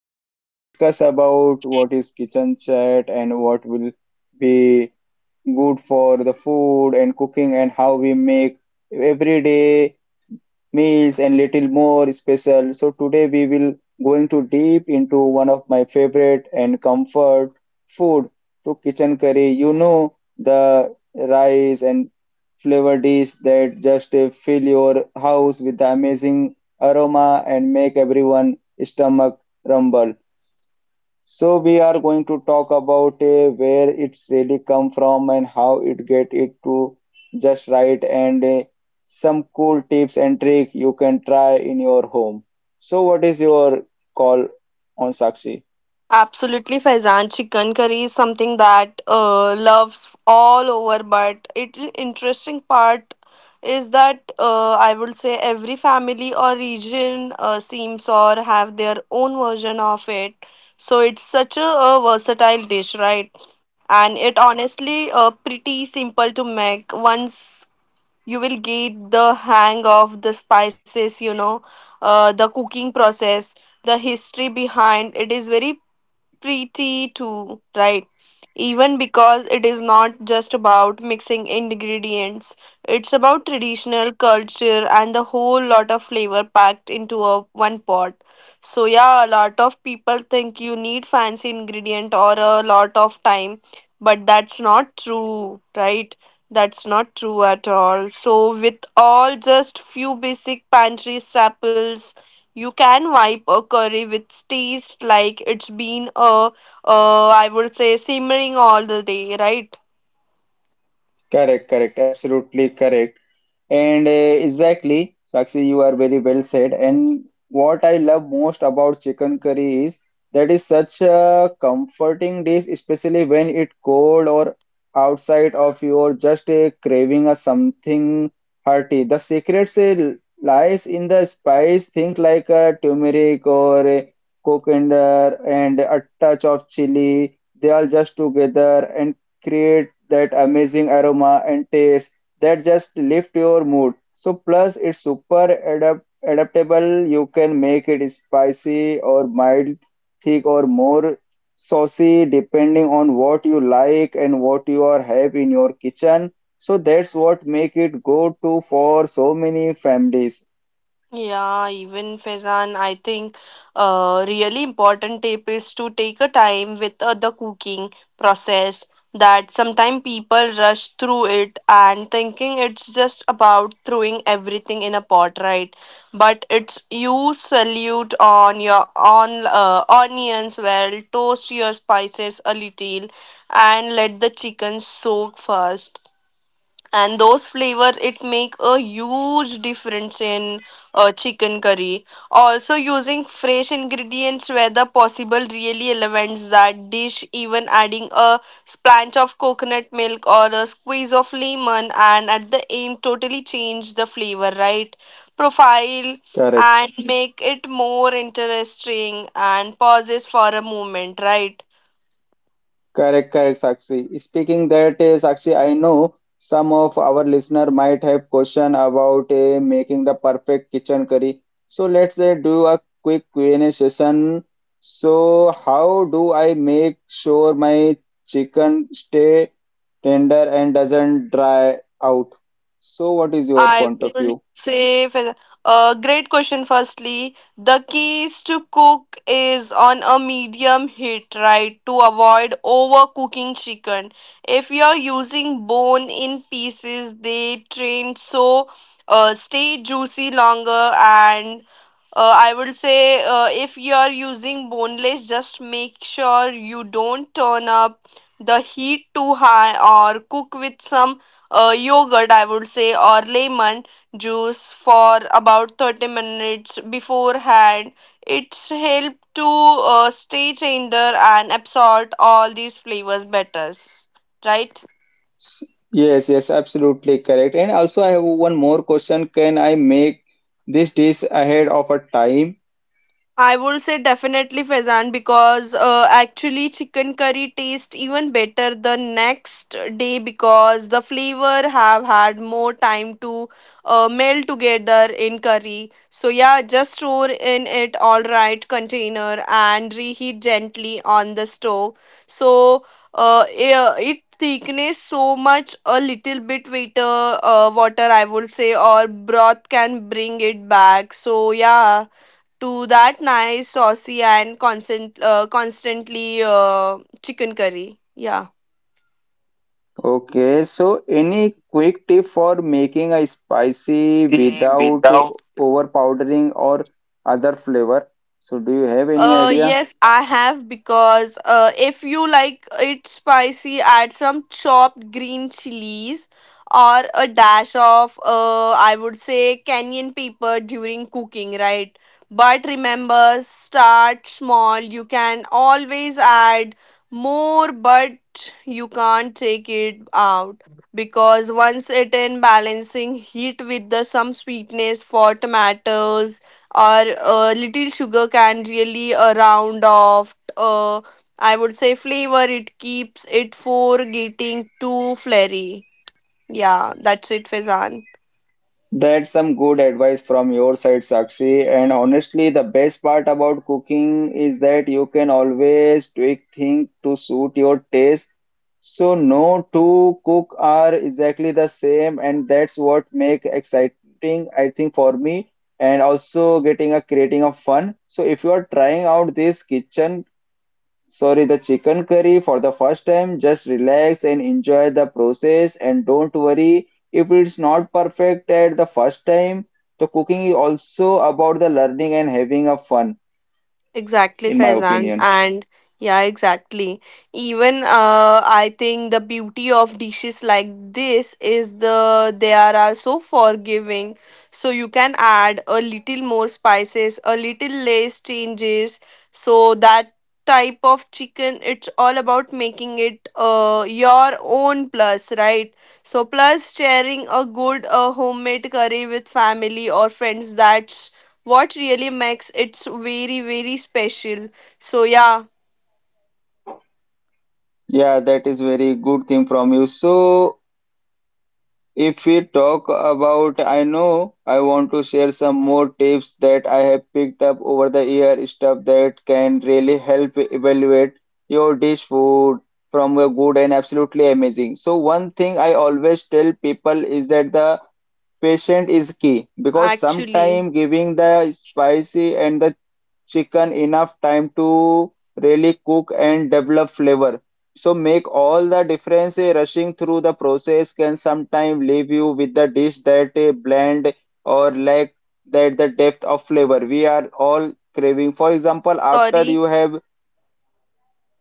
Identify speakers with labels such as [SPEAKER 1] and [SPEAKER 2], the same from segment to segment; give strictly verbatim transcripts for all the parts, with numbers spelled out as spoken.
[SPEAKER 1] So we will discuss about what is kitchen chat and what will be good for the food and cooking and how we make every day meals and little more special. So today we will going to deep into one of my favorite and comfort food, so kitchen curry. You know the rice and flavor dish that just uh, fill your house with the amazing aroma and make everyone stomach rumble. So we are going to talk about uh, where it's really come from and how it get it to just right and uh, some cool tips and trick you can try in your home. So what is your call on Sakshi?
[SPEAKER 2] Absolutely, Faizan. Chicken curry is something that uh, loves all over, but it interesting part is that uh, I would say every family or region uh, seems or have their own version of it. So it's such a, a versatile dish, right? And it honestly uh, pretty simple to make once you will get the hang of the spices, you know, uh, the cooking process the history behind it is very pretty too, right? Even because it is not just about mixing ingredients, it's about traditional culture and the whole lot of flavor packed into a one pot. So yeah, a lot of people think you need fancy ingredient or a lot of time, but that's not true, right? That's not true at all. So with all just few basic pantry staples you can wipe a curry with taste like it's been a, uh, I would say, simmering all the day, right?
[SPEAKER 1] Correct, correct, absolutely correct. And uh, exactly, Sakshi, you are very well said. And what I love most about chicken curry is that is such a comforting dish, especially when it cold or outside of you or just a craving a something hearty. The secret say, lies in the spice, think like a turmeric or a coriander and a touch of chili. They all just together and create that amazing aroma and taste that just lift your mood. So plus it's super adapt adaptable. You can make it spicy or mild, thick or more saucy depending on what you like and what you are have in your kitchen. So that's what make it go to for so many families.
[SPEAKER 2] Yeah, even Faizan, I think uh, really important tip is to take a time with uh, the cooking process that sometimes people rush through it and thinking it's just about throwing everything in a pot, right? But it's you salute on your on uh, onions well, toast your spices a little and let the chicken soak first and those flavors it make a huge difference in uh, chicken curry also using fresh ingredients whether possible really elevates that dish even adding a splash of coconut milk or a squeeze of lemon and at the end totally change the flavor right profile
[SPEAKER 1] Correct.
[SPEAKER 2] and make it more interesting and pauses for a moment right
[SPEAKER 1] Correct, correct, Sakshi. Speaking that, eh, Sakshi, I know some of our listener might have question about eh, making the perfect kitchen curry. So let's eh, do a quick Q and A session. So how do I make sure my chicken stay tender and doesn't dry out? So what is your
[SPEAKER 2] I
[SPEAKER 1] point of
[SPEAKER 2] would
[SPEAKER 1] view?
[SPEAKER 2] say, for uh, great question. Firstly, the keys to cook is on a medium heat, right? To avoid overcooking chicken. If you're using bone in pieces, they train so uh, stay juicy longer. And uh, I would say, uh, if you're using boneless, just make sure you don't turn up the heat too high or cook with some uh, yogurt, I would say, or lemon juice for about thirty minutes beforehand. It's help to uh, stay tender and absorb all these flavors better, right?
[SPEAKER 1] S- Yes, yes, absolutely correct. And also I have one more question. Can I make this dish ahead of a time?
[SPEAKER 2] I would say definitely Faizan because uh, actually chicken curry tastes even better the next day because the flavor have had more time to uh, meld together in curry. So yeah, just store in it all right container and reheat gently on the stove. So uh, yeah, it thickness so much a little bit water uh, water I would say or broth can bring it back. So yeah to that nice saucy and constant uh, constantly uh, chicken curry yeah
[SPEAKER 1] Okay, so any quick tip for making a spicy
[SPEAKER 2] See,
[SPEAKER 1] without
[SPEAKER 2] without
[SPEAKER 1] over powdering or other flavor? So do you have any
[SPEAKER 2] Uh,
[SPEAKER 1] idea?
[SPEAKER 2] yes, I have because uh, if you like it spicy, add some chopped green chilies or a dash of uh, I would say cayenne pepper during cooking, right? But remember, start small. You can always add more, but you can't take it out because once it in balancing heat with the some sweetness for tomatoes or uh, little sugar can really uh, round off uh, I would say flavor it keeps it for getting too flirty yeah that's it fezan
[SPEAKER 1] That's some good advice from your side, Sakshi. And honestly, the best part about cooking is that you can always tweak things to suit your taste. So no two cook are exactly the same, and that's what make exciting, I think, for me. And also getting a creating of fun. So if you are trying out this kitchen Sorry, the chicken curry for the first time. Just relax and enjoy the process and don't worry if it's not perfect at the first time. The cooking is also about the learning and having a fun,
[SPEAKER 2] Exactly,
[SPEAKER 1] in my
[SPEAKER 2] Faizan.
[SPEAKER 1] opinion.
[SPEAKER 2] And yeah, exactly. Even uh, I think the beauty of dishes like this is the they are, are so forgiving. So you can add a little more spices, a little less changes. So that type of chicken, it's all about making it uh, your own plus, right? So plus sharing a good uh, homemade curry with family or friends, that's what really makes it very very special so yeah
[SPEAKER 1] Yeah, that is very good thing from you. So if we talk about I know I want to share some more tips that I have picked up over the year stuff that can really help evaluate your dish food from a good and absolutely amazing. So one thing I always tell people is that the patient is key because
[SPEAKER 2] actually
[SPEAKER 1] sometimes giving the spicy and the chicken enough time to really cook and develop flavor. So make all the difference. eh, Rushing through the process can sometimes leave you with the dish that eh, bland or lack that the depth of flavor we are all craving. For example, after you
[SPEAKER 2] sorry
[SPEAKER 1] have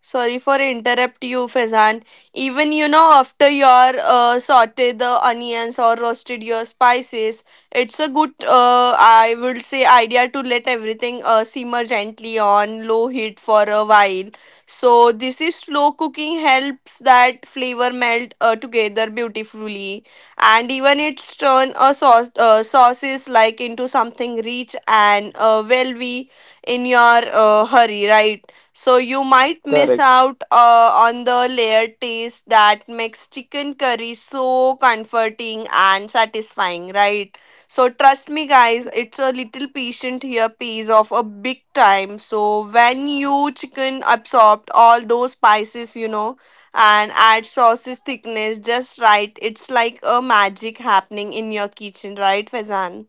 [SPEAKER 2] Sorry for interrupt you, Faizan. Even you know after your uh, saute the onions or roasted your spices, it's a good uh, I would say idea to let everything uh, simmer gently on low heat for a while. So this is slow cooking helps that flavor melt uh, together beautifully, and even it's turn a sauce uh, sauces like into something rich and uh, well we in your uh, hurry, right? So you might miss
[SPEAKER 1] correct.
[SPEAKER 2] out uh, on the layered taste that makes chicken curry so comforting and satisfying, right? So trust me, guys, it's a little patient here pays off a big time. So when you chicken absorbed all those spices, you know, and add sauce's thickness just right, it's like a magic happening in your kitchen, right, Fazan?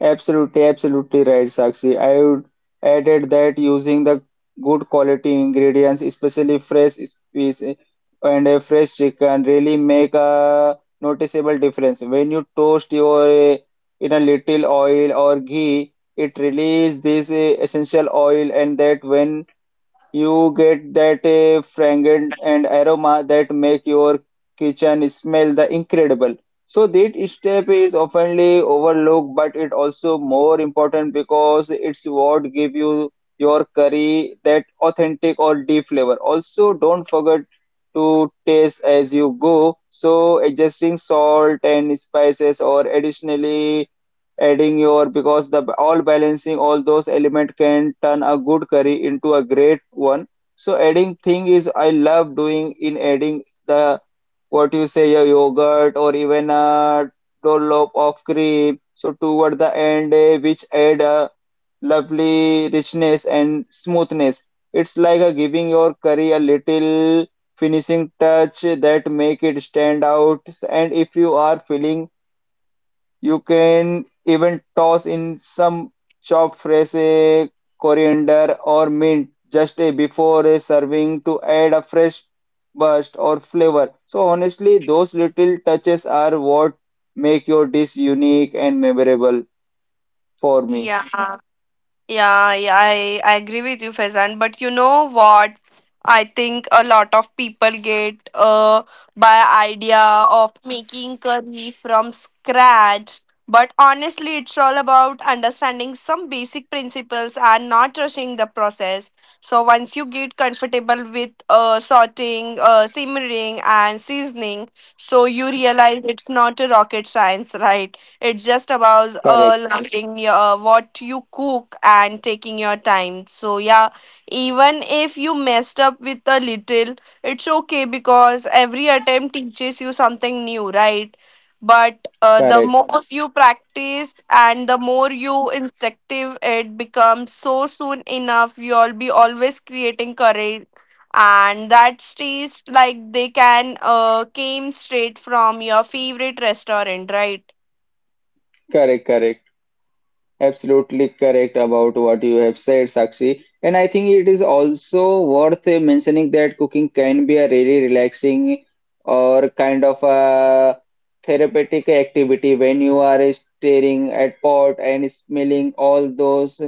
[SPEAKER 1] Absolutely, absolutely right, Sakshi. I would added that using the good quality ingredients, especially fresh species and a fresh chicken, really make a noticeable difference. When you toast your eh, in a little oil or ghee, it release this eh, essential oil, and that when you get that uh, fragrance and aroma that make your kitchen smell the incredible. So that step is oftenly overlooked, but it also more important because it's what give you your curry that authentic or deep flavor. Also, don't forget to taste as you go. So adjusting salt and spices or additionally adding your because the all balancing all those element can turn a good curry into a great one. So adding thing is I love doing in adding the what you say a yogurt or even a dollop of cream so toward the end eh, which add a lovely richness and smoothness. It's like a giving your curry a little finishing touch that make it stand out. And if you are feeling you can even toss in some chopped fresh eh, coriander or mint just eh, before eh, serving to add a fresh burst or flavor. So honestly, those little touches are what make your dish unique and memorable for me.
[SPEAKER 2] Yeah. Yeah, yeah, I, I agree with you, Faizan. But you know what? I think a lot of people get uh by idea of making curry from scratch. But honestly, it's all about understanding some basic principles and not rushing the process. So once you get comfortable with uh sorting, uh simmering and seasoning, so you realize it's not a rocket science, right? It's just about uh,
[SPEAKER 1] Correct,
[SPEAKER 2] liking your, uh, what you cook and taking your time. So, yeah, even if you messed up with a little, it's okay because every attempt teaches you something new, right? But uh, the
[SPEAKER 1] correct,
[SPEAKER 2] more you practice and the more you instinctive it becomes, so soon enough, you'll be always creating courage and that stays like they can uh came straight from your favorite restaurant right
[SPEAKER 1] correct, correct. Absolutely correct about what you have said, Sakshi. And I think it is also worth mentioning that cooking can be a really relaxing or kind of a therapeutic activity when you are staring at pot and smelling all those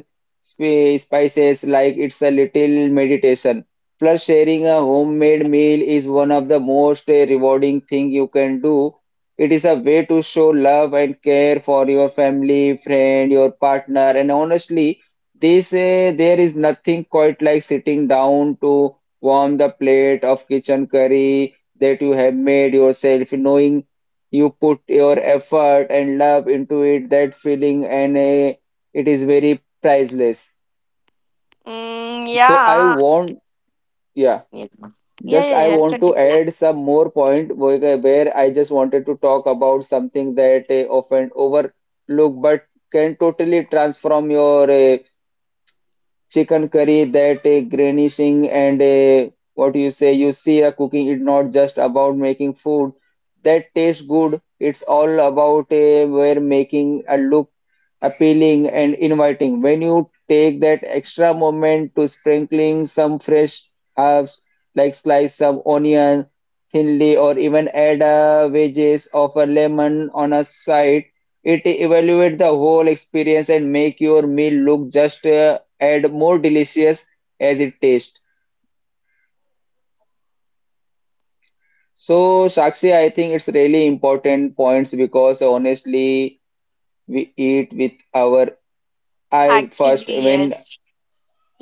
[SPEAKER 1] spi- spices like it's a little meditation. Plus, sharing a homemade meal is one of the most rewarding thing you can do. It is a way to show love and care for your family, friend, your partner, and honestly, they say there is nothing quite like sitting down to warm the plate of kitchen curry that you have made yourself, knowing you put your effort and love into it, that feeling, and eh, it is very priceless.
[SPEAKER 2] Mm,
[SPEAKER 1] So I
[SPEAKER 2] yeah.
[SPEAKER 1] want, yeah.
[SPEAKER 2] Yeah, yeah,
[SPEAKER 1] Just I
[SPEAKER 2] yeah.
[SPEAKER 1] want
[SPEAKER 2] yeah.
[SPEAKER 1] to add some more point where where I just wanted to talk about something that uh, often overlooked but can totally transform your uh, chicken curry that uh, Granny Singh and uh, what you say, you see, uh, cooking is not just about making food that tastes good. It's all about uh, we're making a look appealing and inviting. When you take that extra moment to sprinkling some fresh herbs, like slice some onion thinly, or even add uh, wedges of a lemon on a side, it evaluate the whole experience and make your meal look just uh, and more delicious as it tastes. So, Sakshi, I think it's really important points because honestly, we eat with our eye
[SPEAKER 2] Actually,
[SPEAKER 1] first when
[SPEAKER 2] yes.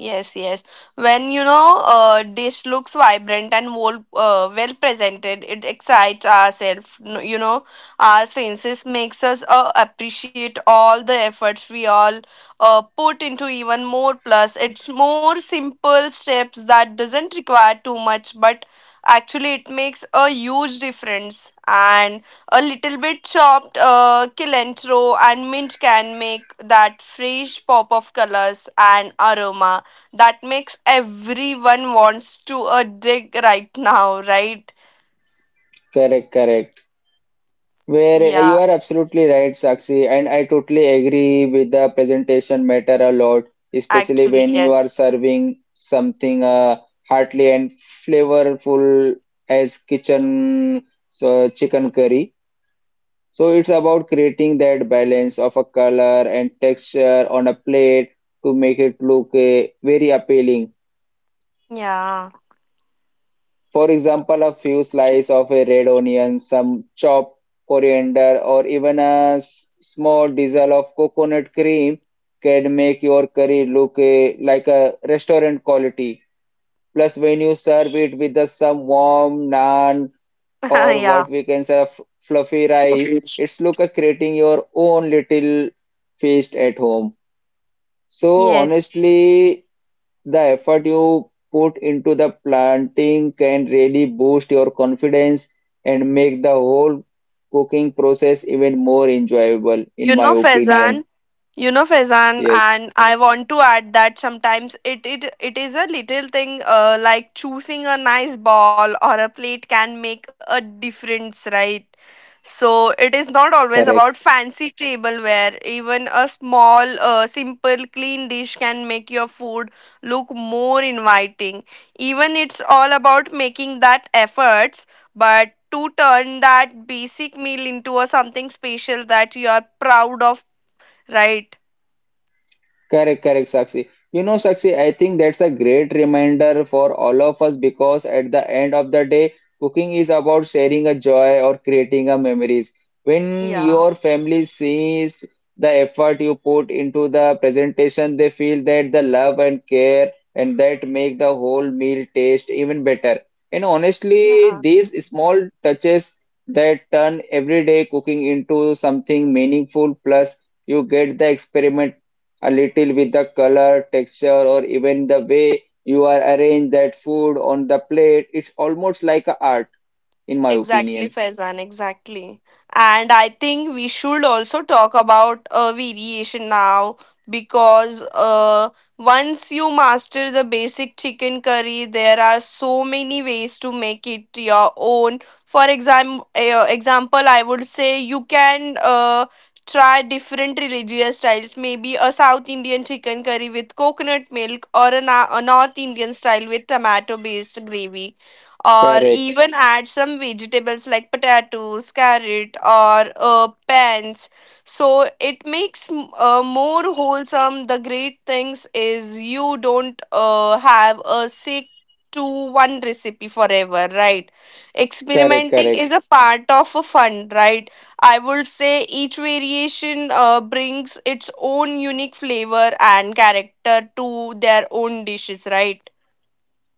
[SPEAKER 2] Yes, yes. When you know a dish looks vibrant and well, uh, well presented, it excites ourselves. You know, our senses makes us uh, appreciate all the efforts we all uh, put into even more. Plus, it's more simple steps that doesn't require too much, but actually it makes a huge difference. And a little bit chopped uh, cilantro and mint can make that fresh pop of colors and aroma that makes everyone wants to a dig right now, right?
[SPEAKER 1] correct, correct. Where you
[SPEAKER 2] Yeah,
[SPEAKER 1] are absolutely right, Sakshi, and I totally agree with the presentation matter a lot, especially
[SPEAKER 2] actually,
[SPEAKER 1] when you are
[SPEAKER 2] yes.
[SPEAKER 1] serving something uh, hearty and flavorful as kitchen so chicken curry. So it's about creating that balance of a color and texture on a plate to make it look uh, very appealing.
[SPEAKER 2] Yeah,
[SPEAKER 1] For example, a few slices of a red onion, some chopped coriander, or even a s- small drizzle of coconut cream can make your curry look uh, like a restaurant quality. Plus, when you serve it with the some warm naan or what
[SPEAKER 2] yeah.
[SPEAKER 1] we can say f- fluffy rice.
[SPEAKER 2] Okay.
[SPEAKER 1] It's look at creating your own little feast at home. So
[SPEAKER 2] Yes.
[SPEAKER 1] honestly, the effort you put into the planting can really boost your confidence and make the whole cooking process even more enjoyable, in
[SPEAKER 2] You
[SPEAKER 1] my
[SPEAKER 2] know,
[SPEAKER 1] opinion.
[SPEAKER 2] Faizan, you know, Faizan,
[SPEAKER 1] Yes,
[SPEAKER 2] and I want to add that sometimes it it, it is a little thing uh, like choosing a nice ball or a plate can make a difference, right? So it is not always about
[SPEAKER 1] correct.
[SPEAKER 2] fancy tableware. Even a small, uh, simple, clean dish can make your food look more inviting. Even it's all about making that efforts but to turn that basic meal into a something special that you are proud of right
[SPEAKER 1] Correct, correct, Sakshi. You know, Sakshi, I think that's a great reminder for all of us because at the end of the day, cooking is about sharing a joy or creating a memories. When
[SPEAKER 2] yeah
[SPEAKER 1] your family sees the effort you put into the presentation, they feel that the love and care and that make the whole meal taste even better. And
[SPEAKER 2] yeah
[SPEAKER 1] honestly, these small touches that turn everyday cooking into something meaningful, plus you get the experimental a little with the color, texture, or even the way you are arrange that food on the plate. It's almost like a art, in my
[SPEAKER 2] Exactly,
[SPEAKER 1] opinion.
[SPEAKER 2] Faizan, exactly. And I think we should also talk about uh, variation now because uh, once you master the basic chicken curry, there are so many ways to make it your own. For exam uh, example, I would say you can uh, try different religious styles, maybe a South Indian chicken curry with coconut milk or a, na- a North Indian style with tomato based gravy or
[SPEAKER 1] Correct,
[SPEAKER 2] even add some vegetables like potatoes, carrot, or uh, pans. So it makes m- uh, more wholesome. The great things is you don't uh, have a sick to one recipe forever, right?
[SPEAKER 1] correct,
[SPEAKER 2] Experimenting
[SPEAKER 1] correct.
[SPEAKER 2] is a part of a fun, right? I would say each variation uh, brings its own unique flavor and character to their own dishes, right?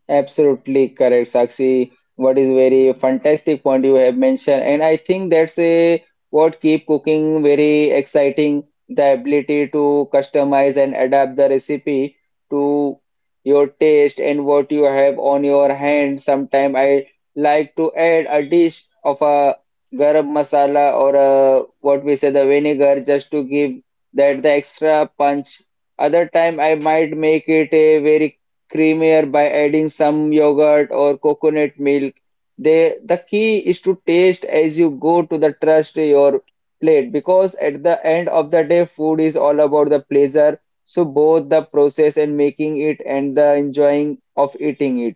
[SPEAKER 1] Absolutely correct, Sakshi. What is very fantastic point you have mentioned, and I think that's a what keep cooking very exciting, the ability to customize and adapt the recipe to your taste and what you have on your hand. Sometimes I like to add a dish of a garam masala or a, what we say the vinegar just to give that the extra punch. Other time I might make it a very creamier by adding some yogurt or coconut milk. They, the key is to taste as you go to the trust your plate because at the end of the day, food is all about the pleasure. So both the process and making it and the enjoying of eating it.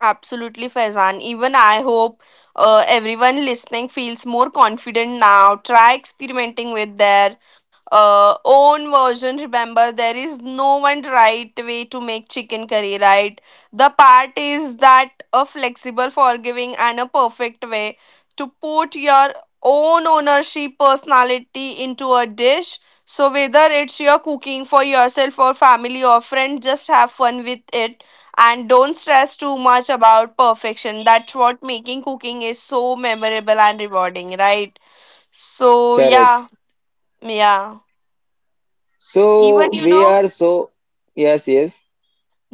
[SPEAKER 2] Absolutely, Faizan. Even I hope uh, everyone listening feels more confident now. Try experimenting with their uh, own version. Remember, there is no one right way to make chicken curry, right? The part is that a flexible, forgiving, and a perfect way to put your own ownership personality into a dish. So, whether it's your cooking for yourself or family or friend, just have fun with it and don't stress too much about perfection that's what making cooking is so memorable and rewarding right so
[SPEAKER 1] Correct.
[SPEAKER 2] yeah yeah even
[SPEAKER 1] So
[SPEAKER 2] you
[SPEAKER 1] we
[SPEAKER 2] know
[SPEAKER 1] are so yes, yes,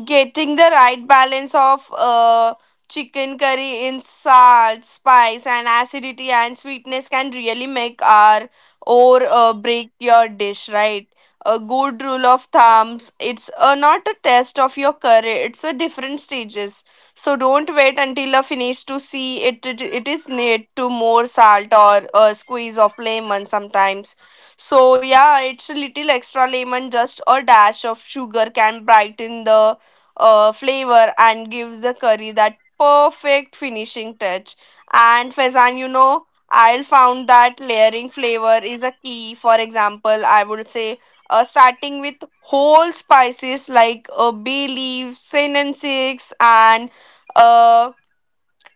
[SPEAKER 2] getting the right balance of uh, chicken curry in salt, spice, and acidity and sweetness can really make our or uh, break your dish, right? A good rule of thumbs. It's uh, not a test of your curry. It's a different stages. So don't wait until a finish to see it. It, it is need to more salt or a squeeze of lemon sometimes. So yeah, it's a little extra lemon, just a dash of sugar can brighten the uh, flavor and gives the curry that perfect finishing touch. And Faizan, you know, I found that layering flavor is a key. For example, I would say uh, starting with whole spices like uh, bay leaf, cinnamon sticks, and uh,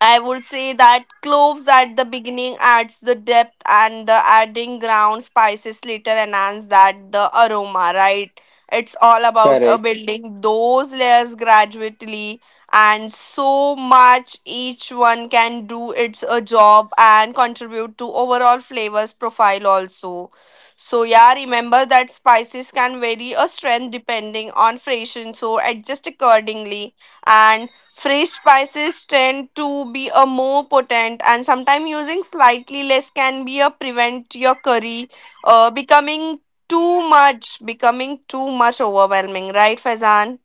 [SPEAKER 2] I would say that cloves at the beginning adds the depth and the adding ground spices later enhance that the aroma, right? It's all about uh,
[SPEAKER 1] correct.
[SPEAKER 2] building those layers gradually and so much each one can do its a job and contribute to overall flavors profile also. So yeah, remember that spices can vary a strength depending on fration, so adjust accordingly and Fresh spices tend to be a more potent, and sometimes using slightly less can be a prevent your curry uh, becoming too much, becoming too much overwhelming, right, Faizan?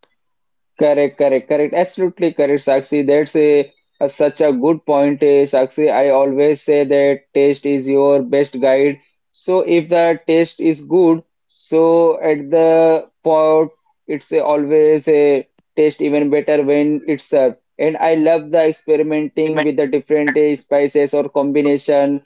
[SPEAKER 1] Correct, correct, correct. Absolutely correct, Sakshi. That's a, a- such a good point, eh, Sakshi. I always say that taste is your best guide. So if the taste is good, so at the pot, it's a, always a taste even better when it's served. And I love the experimenting
[SPEAKER 2] Remem-
[SPEAKER 1] with the different eh, spices or combination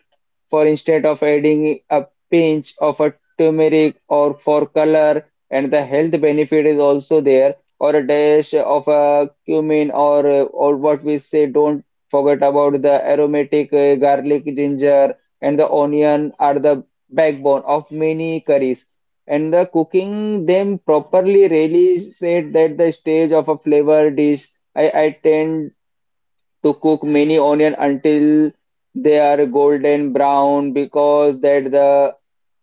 [SPEAKER 1] for instead of adding a pinch of a turmeric or for color and the health benefit is also there or a dash of a cumin or or what we say don't forget about the aromatic uh, garlic ginger and the onion are the backbone of many curries and the cooking them properly really said that the stage of a flavor dish. I, I tend to cook many onion until they are golden brown because that the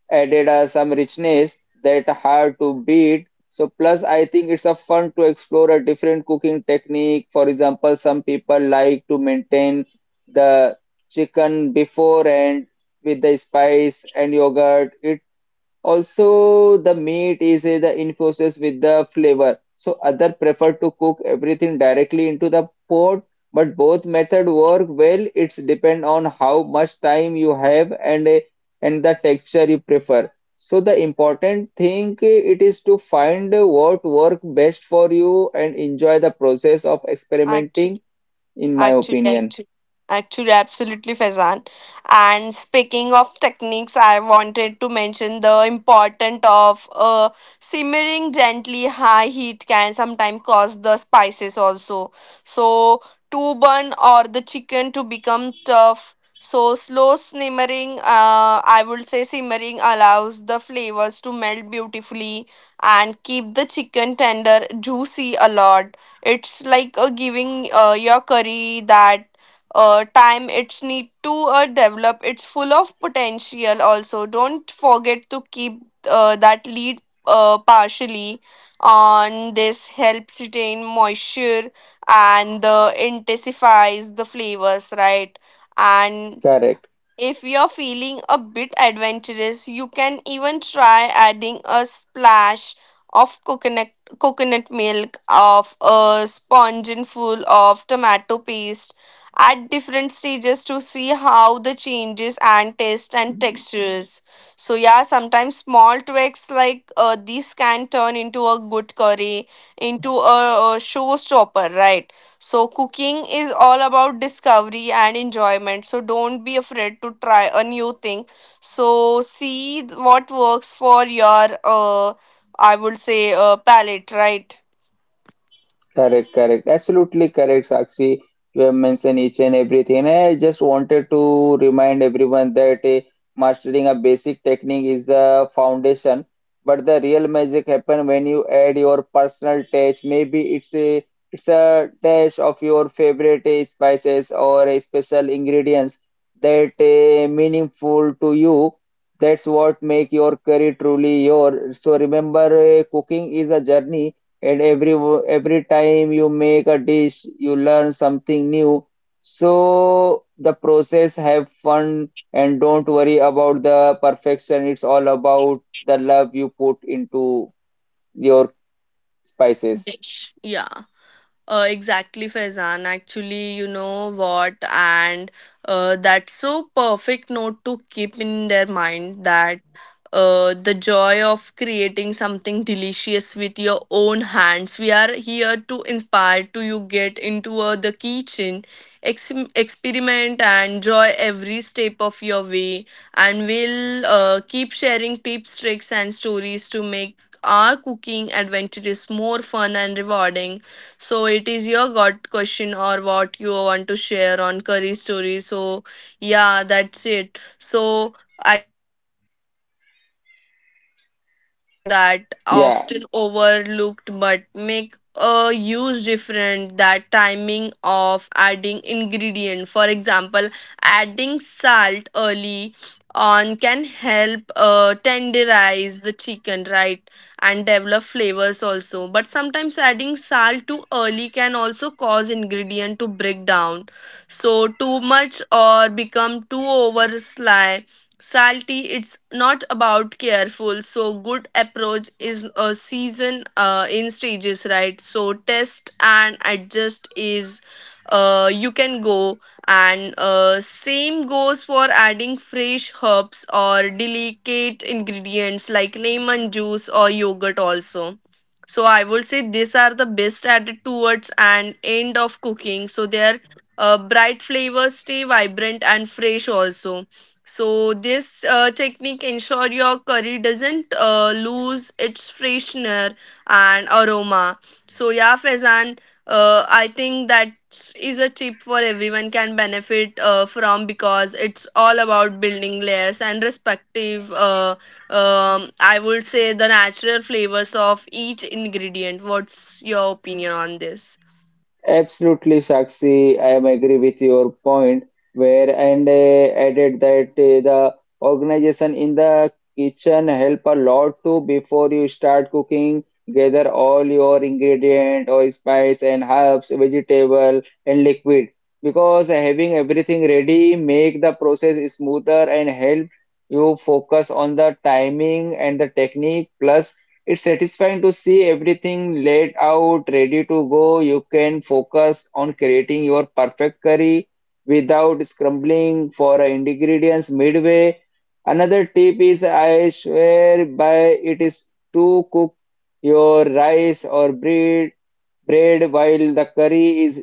[SPEAKER 1] added uh, some richness that hard to beat. So plus I think it's a fun to explore a different cooking technique. For example, some people like to maintain the chicken before and with the spice and yogurt. It also, the meat is uh, the infuses with the flavor. So other prefer to cook everything directly into the pot, but both method work well. It's depend on how much time you have and uh, and the texture you prefer. So the important thing uh, it is to find uh, what work best for you and enjoy the process of experimenting,
[SPEAKER 2] Actually.
[SPEAKER 1] in my
[SPEAKER 2] Actually,
[SPEAKER 1] opinion.
[SPEAKER 2] actually, actually, absolutely, Faizan. And speaking of techniques, I wanted to mention the importance of uh, simmering gently. High heat can sometimes cause the spices also. So, to burn or the chicken to become tough. So, slow simmering, uh, I would say simmering allows the flavors to melt beautifully and keep the chicken tender, juicy a lot. It's like uh, giving uh, your curry that uh, time it's need to uh, develop. It's full of potential also. Don't forget to keep uh, that lead uh, partially on. This helps retain moisture and uh, intensifies the flavors, right? And
[SPEAKER 1] Correct.
[SPEAKER 2] if you're feeling a bit adventurous, you can even try adding a splash of coconut coconut milk of a spongin of tomato paste at different stages to see how the changes and taste and textures. So yeah, sometimes small tweaks like uh, these can turn into a good curry, into a, a showstopper, right? So, cooking is all about discovery and enjoyment. So, don't be afraid to try a new thing. So, see what works for your, uh, I would say, uh, palate, right?
[SPEAKER 1] Correct, correct. Absolutely correct, Sakshi. You have mentioned each and everything. And I just wanted to remind everyone that eh, mastering a basic technique is the foundation, but the real magic happen when you add your personal touch. Maybe it's a it's a dash of your favorite eh, spices or eh, special ingredients that eh, meaningful to you. That's what make your curry truly your. So remember, eh, cooking is a journey and every wo- every time you make a dish you learn something new, so the process have fun and don't worry about the perfection. It's all about the love you put into your spices.
[SPEAKER 2] Dish. Yeah, uh, exactly, Faizan. Actually, you know what? And uh, that's so perfect note to keep in their mind that uh, the joy of creating something delicious with your own hands. We are here to inspire to you get into uh, the kitchen, ex- experiment and enjoy every step of your way. And we'll uh, keep sharing tips, tricks, and stories to make our cooking adventures more fun and rewarding. So it is your God question or what you want to share on curry stories. So yeah, that's it. So actually, uh, I would say I want to talk about something that
[SPEAKER 1] Yeah,
[SPEAKER 2] often overlooked but make a huge difference, that timing of adding ingredient. For example, adding salt early on can help uh, tenderize the chicken, right? And develop flavors also. But sometimes adding salt too early can also cause ingredient to break down. So too much or become too over sly, salty. It's not about careful, so good approach is a season uh, in stages, right? So test and adjust is uh, you can go. And uh, same goes for adding fresh herbs or delicate ingredients like lemon juice or yogurt also. So I would say these are the best added towards an end of cooking, so their uh, bright flavors stay vibrant and fresh also. So this uh, technique ensure your curry doesn't uh, lose its freshener and aroma. So yeah, Faizan, uh, I think that is a tip for everyone can benefit uh, from, because it's all about building layers and respective. Uh, um, I would say the natural flavors of each ingredient. What's your opinion on this?
[SPEAKER 1] absolutely, Sakshi. I am agree with your point where and uh, added that uh, the organization in the kitchen help a lot too before you start cooking. Gather all your ingredient or spice and herbs, vegetable and liquid because having everything ready make the process smoother and help you focus on the timing and the technique. Plus, it's satisfying to see everything laid out, ready to go. You can focus on creating your perfect curry without scrambling for ingredients midway. Another tip is I swear by, it is to cook your rice or bread bread while the curry is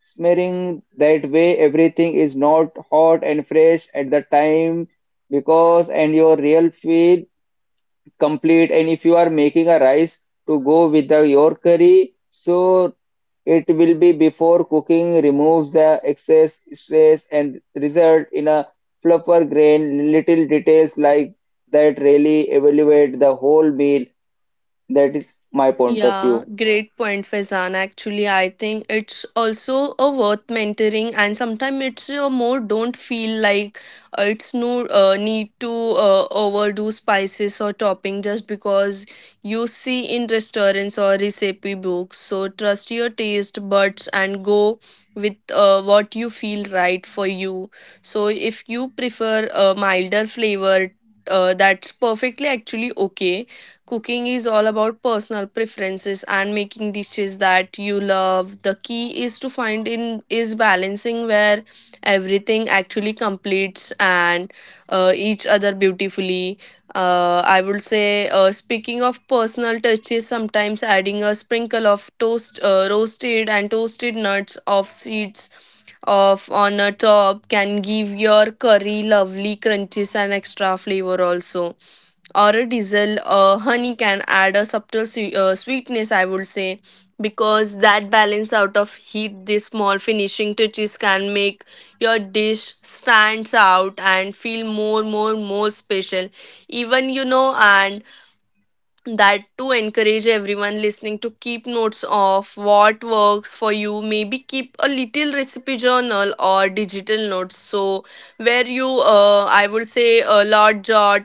[SPEAKER 1] smearing. That way everything is not hot and fresh at the time because and your real feel complete, and if you are making a rice to go with the, your curry so it will be before cooking removes the excess stress and result in a fluffer grain. Little details like that really evaluate the whole meal. That is my point of
[SPEAKER 2] Yeah,
[SPEAKER 1] view.
[SPEAKER 2] great point, Faizan. Actually, I think it's also a worth mentoring, and sometimes it's a more don't feel like uh, it's no uh, need to uh, overdo spices or topping just because you see in restaurants or recipe books. So trust your taste buds and go with uh, what you feel right for you. So if you prefer a milder flavor, uh, that's perfectly actually okay. Cooking is all about personal preferences and making dishes that you love. The key is to find in is balancing where everything actually completes and uh, each other beautifully. Uh, I would say, uh, speaking of personal touches, sometimes adding a sprinkle of toast, uh, roasted and toasted nuts of seeds of on a top can give your curry lovely crunches and extra flavor also, or a diesel uh, honey can add a subtle swe- uh, sweetness, I would say, because that balance out of heat. These small finishing touches can make your dish stands out and feel more more more special even, you know. And that to encourage everyone listening to keep notes of what works for you. Maybe keep a little recipe journal or digital notes, so where you uh, I would say a lot jot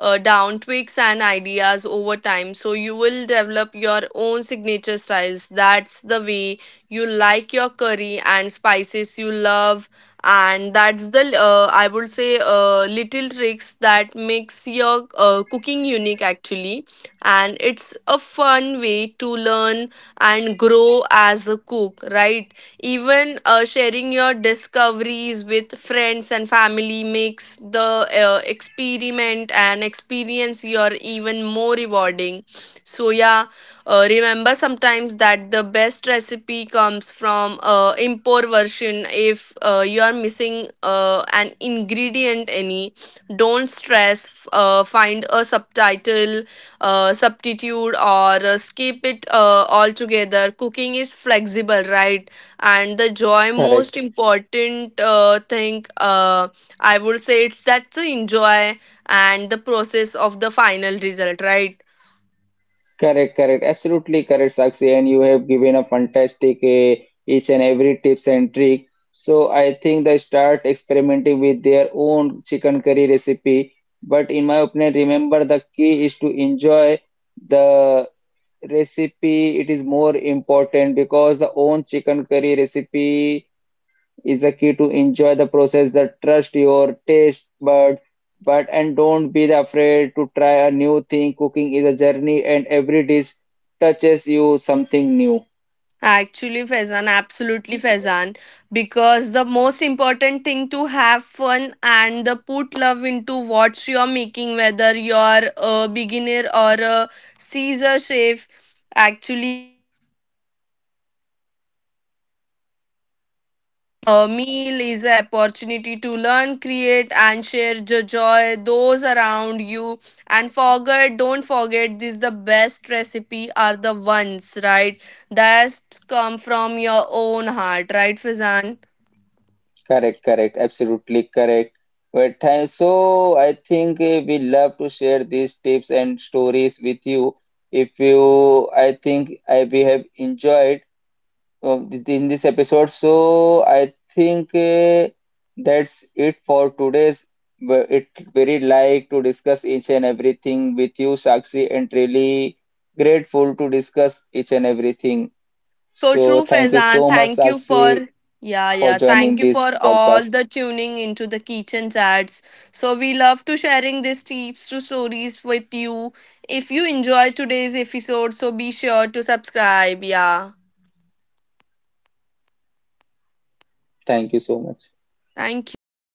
[SPEAKER 2] uh, down tweaks and ideas over time, so you will develop your own signature styles. That's the way you like your curry and spices you love, and that's the uh, I would say uh, little tricks that makes your uh, cooking unique actually. And it's a fun way to learn and grow as a cook, right? Even uh, sharing your discoveries with friends and family makes the uh, experiment and experience your even more rewarding. So yeah, uh, remember sometimes that the best recipe comes from uh, import version. If uh, you are missing uh, an ingredient any, don't stress. F- uh, find a subtitle uh, substitute or uh, skip it uh, altogether. Cooking is flexible, right? And the joy, most
[SPEAKER 1] Correct.
[SPEAKER 2] important uh, thing, uh, I would say, it's that to enjoy and the process of the final result, right?
[SPEAKER 1] Correct, correct. Absolutely correct, Sakshi. And you have given a fantastic uh, each and every tips and trick. So I think they start experimenting with their own chicken curry recipe. But in my opinion, remember the key is to enjoy the recipe. It is more important because the own chicken curry recipe is the key to enjoy the process, that trust your taste buds but and don't be afraid to try a new thing. Cooking is a journey and every dish touches you something new.
[SPEAKER 3] Actually, Faizan, absolutely Faizan, because the most important thing to have fun and the put love into what you're making, whether you're a beginner or a Caesar chef, actually.
[SPEAKER 2] Meal is an opportunity to learn, create, and share the joy those around you. And forget, don't forget, this the best recipe are the ones, right? That come from your own heart, right, Fizan?
[SPEAKER 1] Correct, correct, absolutely correct. But uh, so I think uh, we love to share these tips and stories with you. If you, I think I we have enjoyed um, th- in this episode. So I think uh, that's it for today's. Wh- It very like to discuss each and everything with you, Sakshi, and really grateful to discuss each and everything.
[SPEAKER 2] So
[SPEAKER 1] So
[SPEAKER 2] true,
[SPEAKER 1] thank you
[SPEAKER 2] Fezan.
[SPEAKER 1] so much,
[SPEAKER 2] Thank you
[SPEAKER 1] Sakshi,
[SPEAKER 2] for yeah,
[SPEAKER 1] for
[SPEAKER 2] yeah.
[SPEAKER 1] joining
[SPEAKER 2] Thank you
[SPEAKER 1] this
[SPEAKER 2] for all
[SPEAKER 1] podcast.
[SPEAKER 2] the tuning into the kitchen chats. So we love to sharing these tips to stories with you. If you enjoy today's episode, so be sure to subscribe. Yeah.
[SPEAKER 1] Thank you so much.
[SPEAKER 2] Thank you.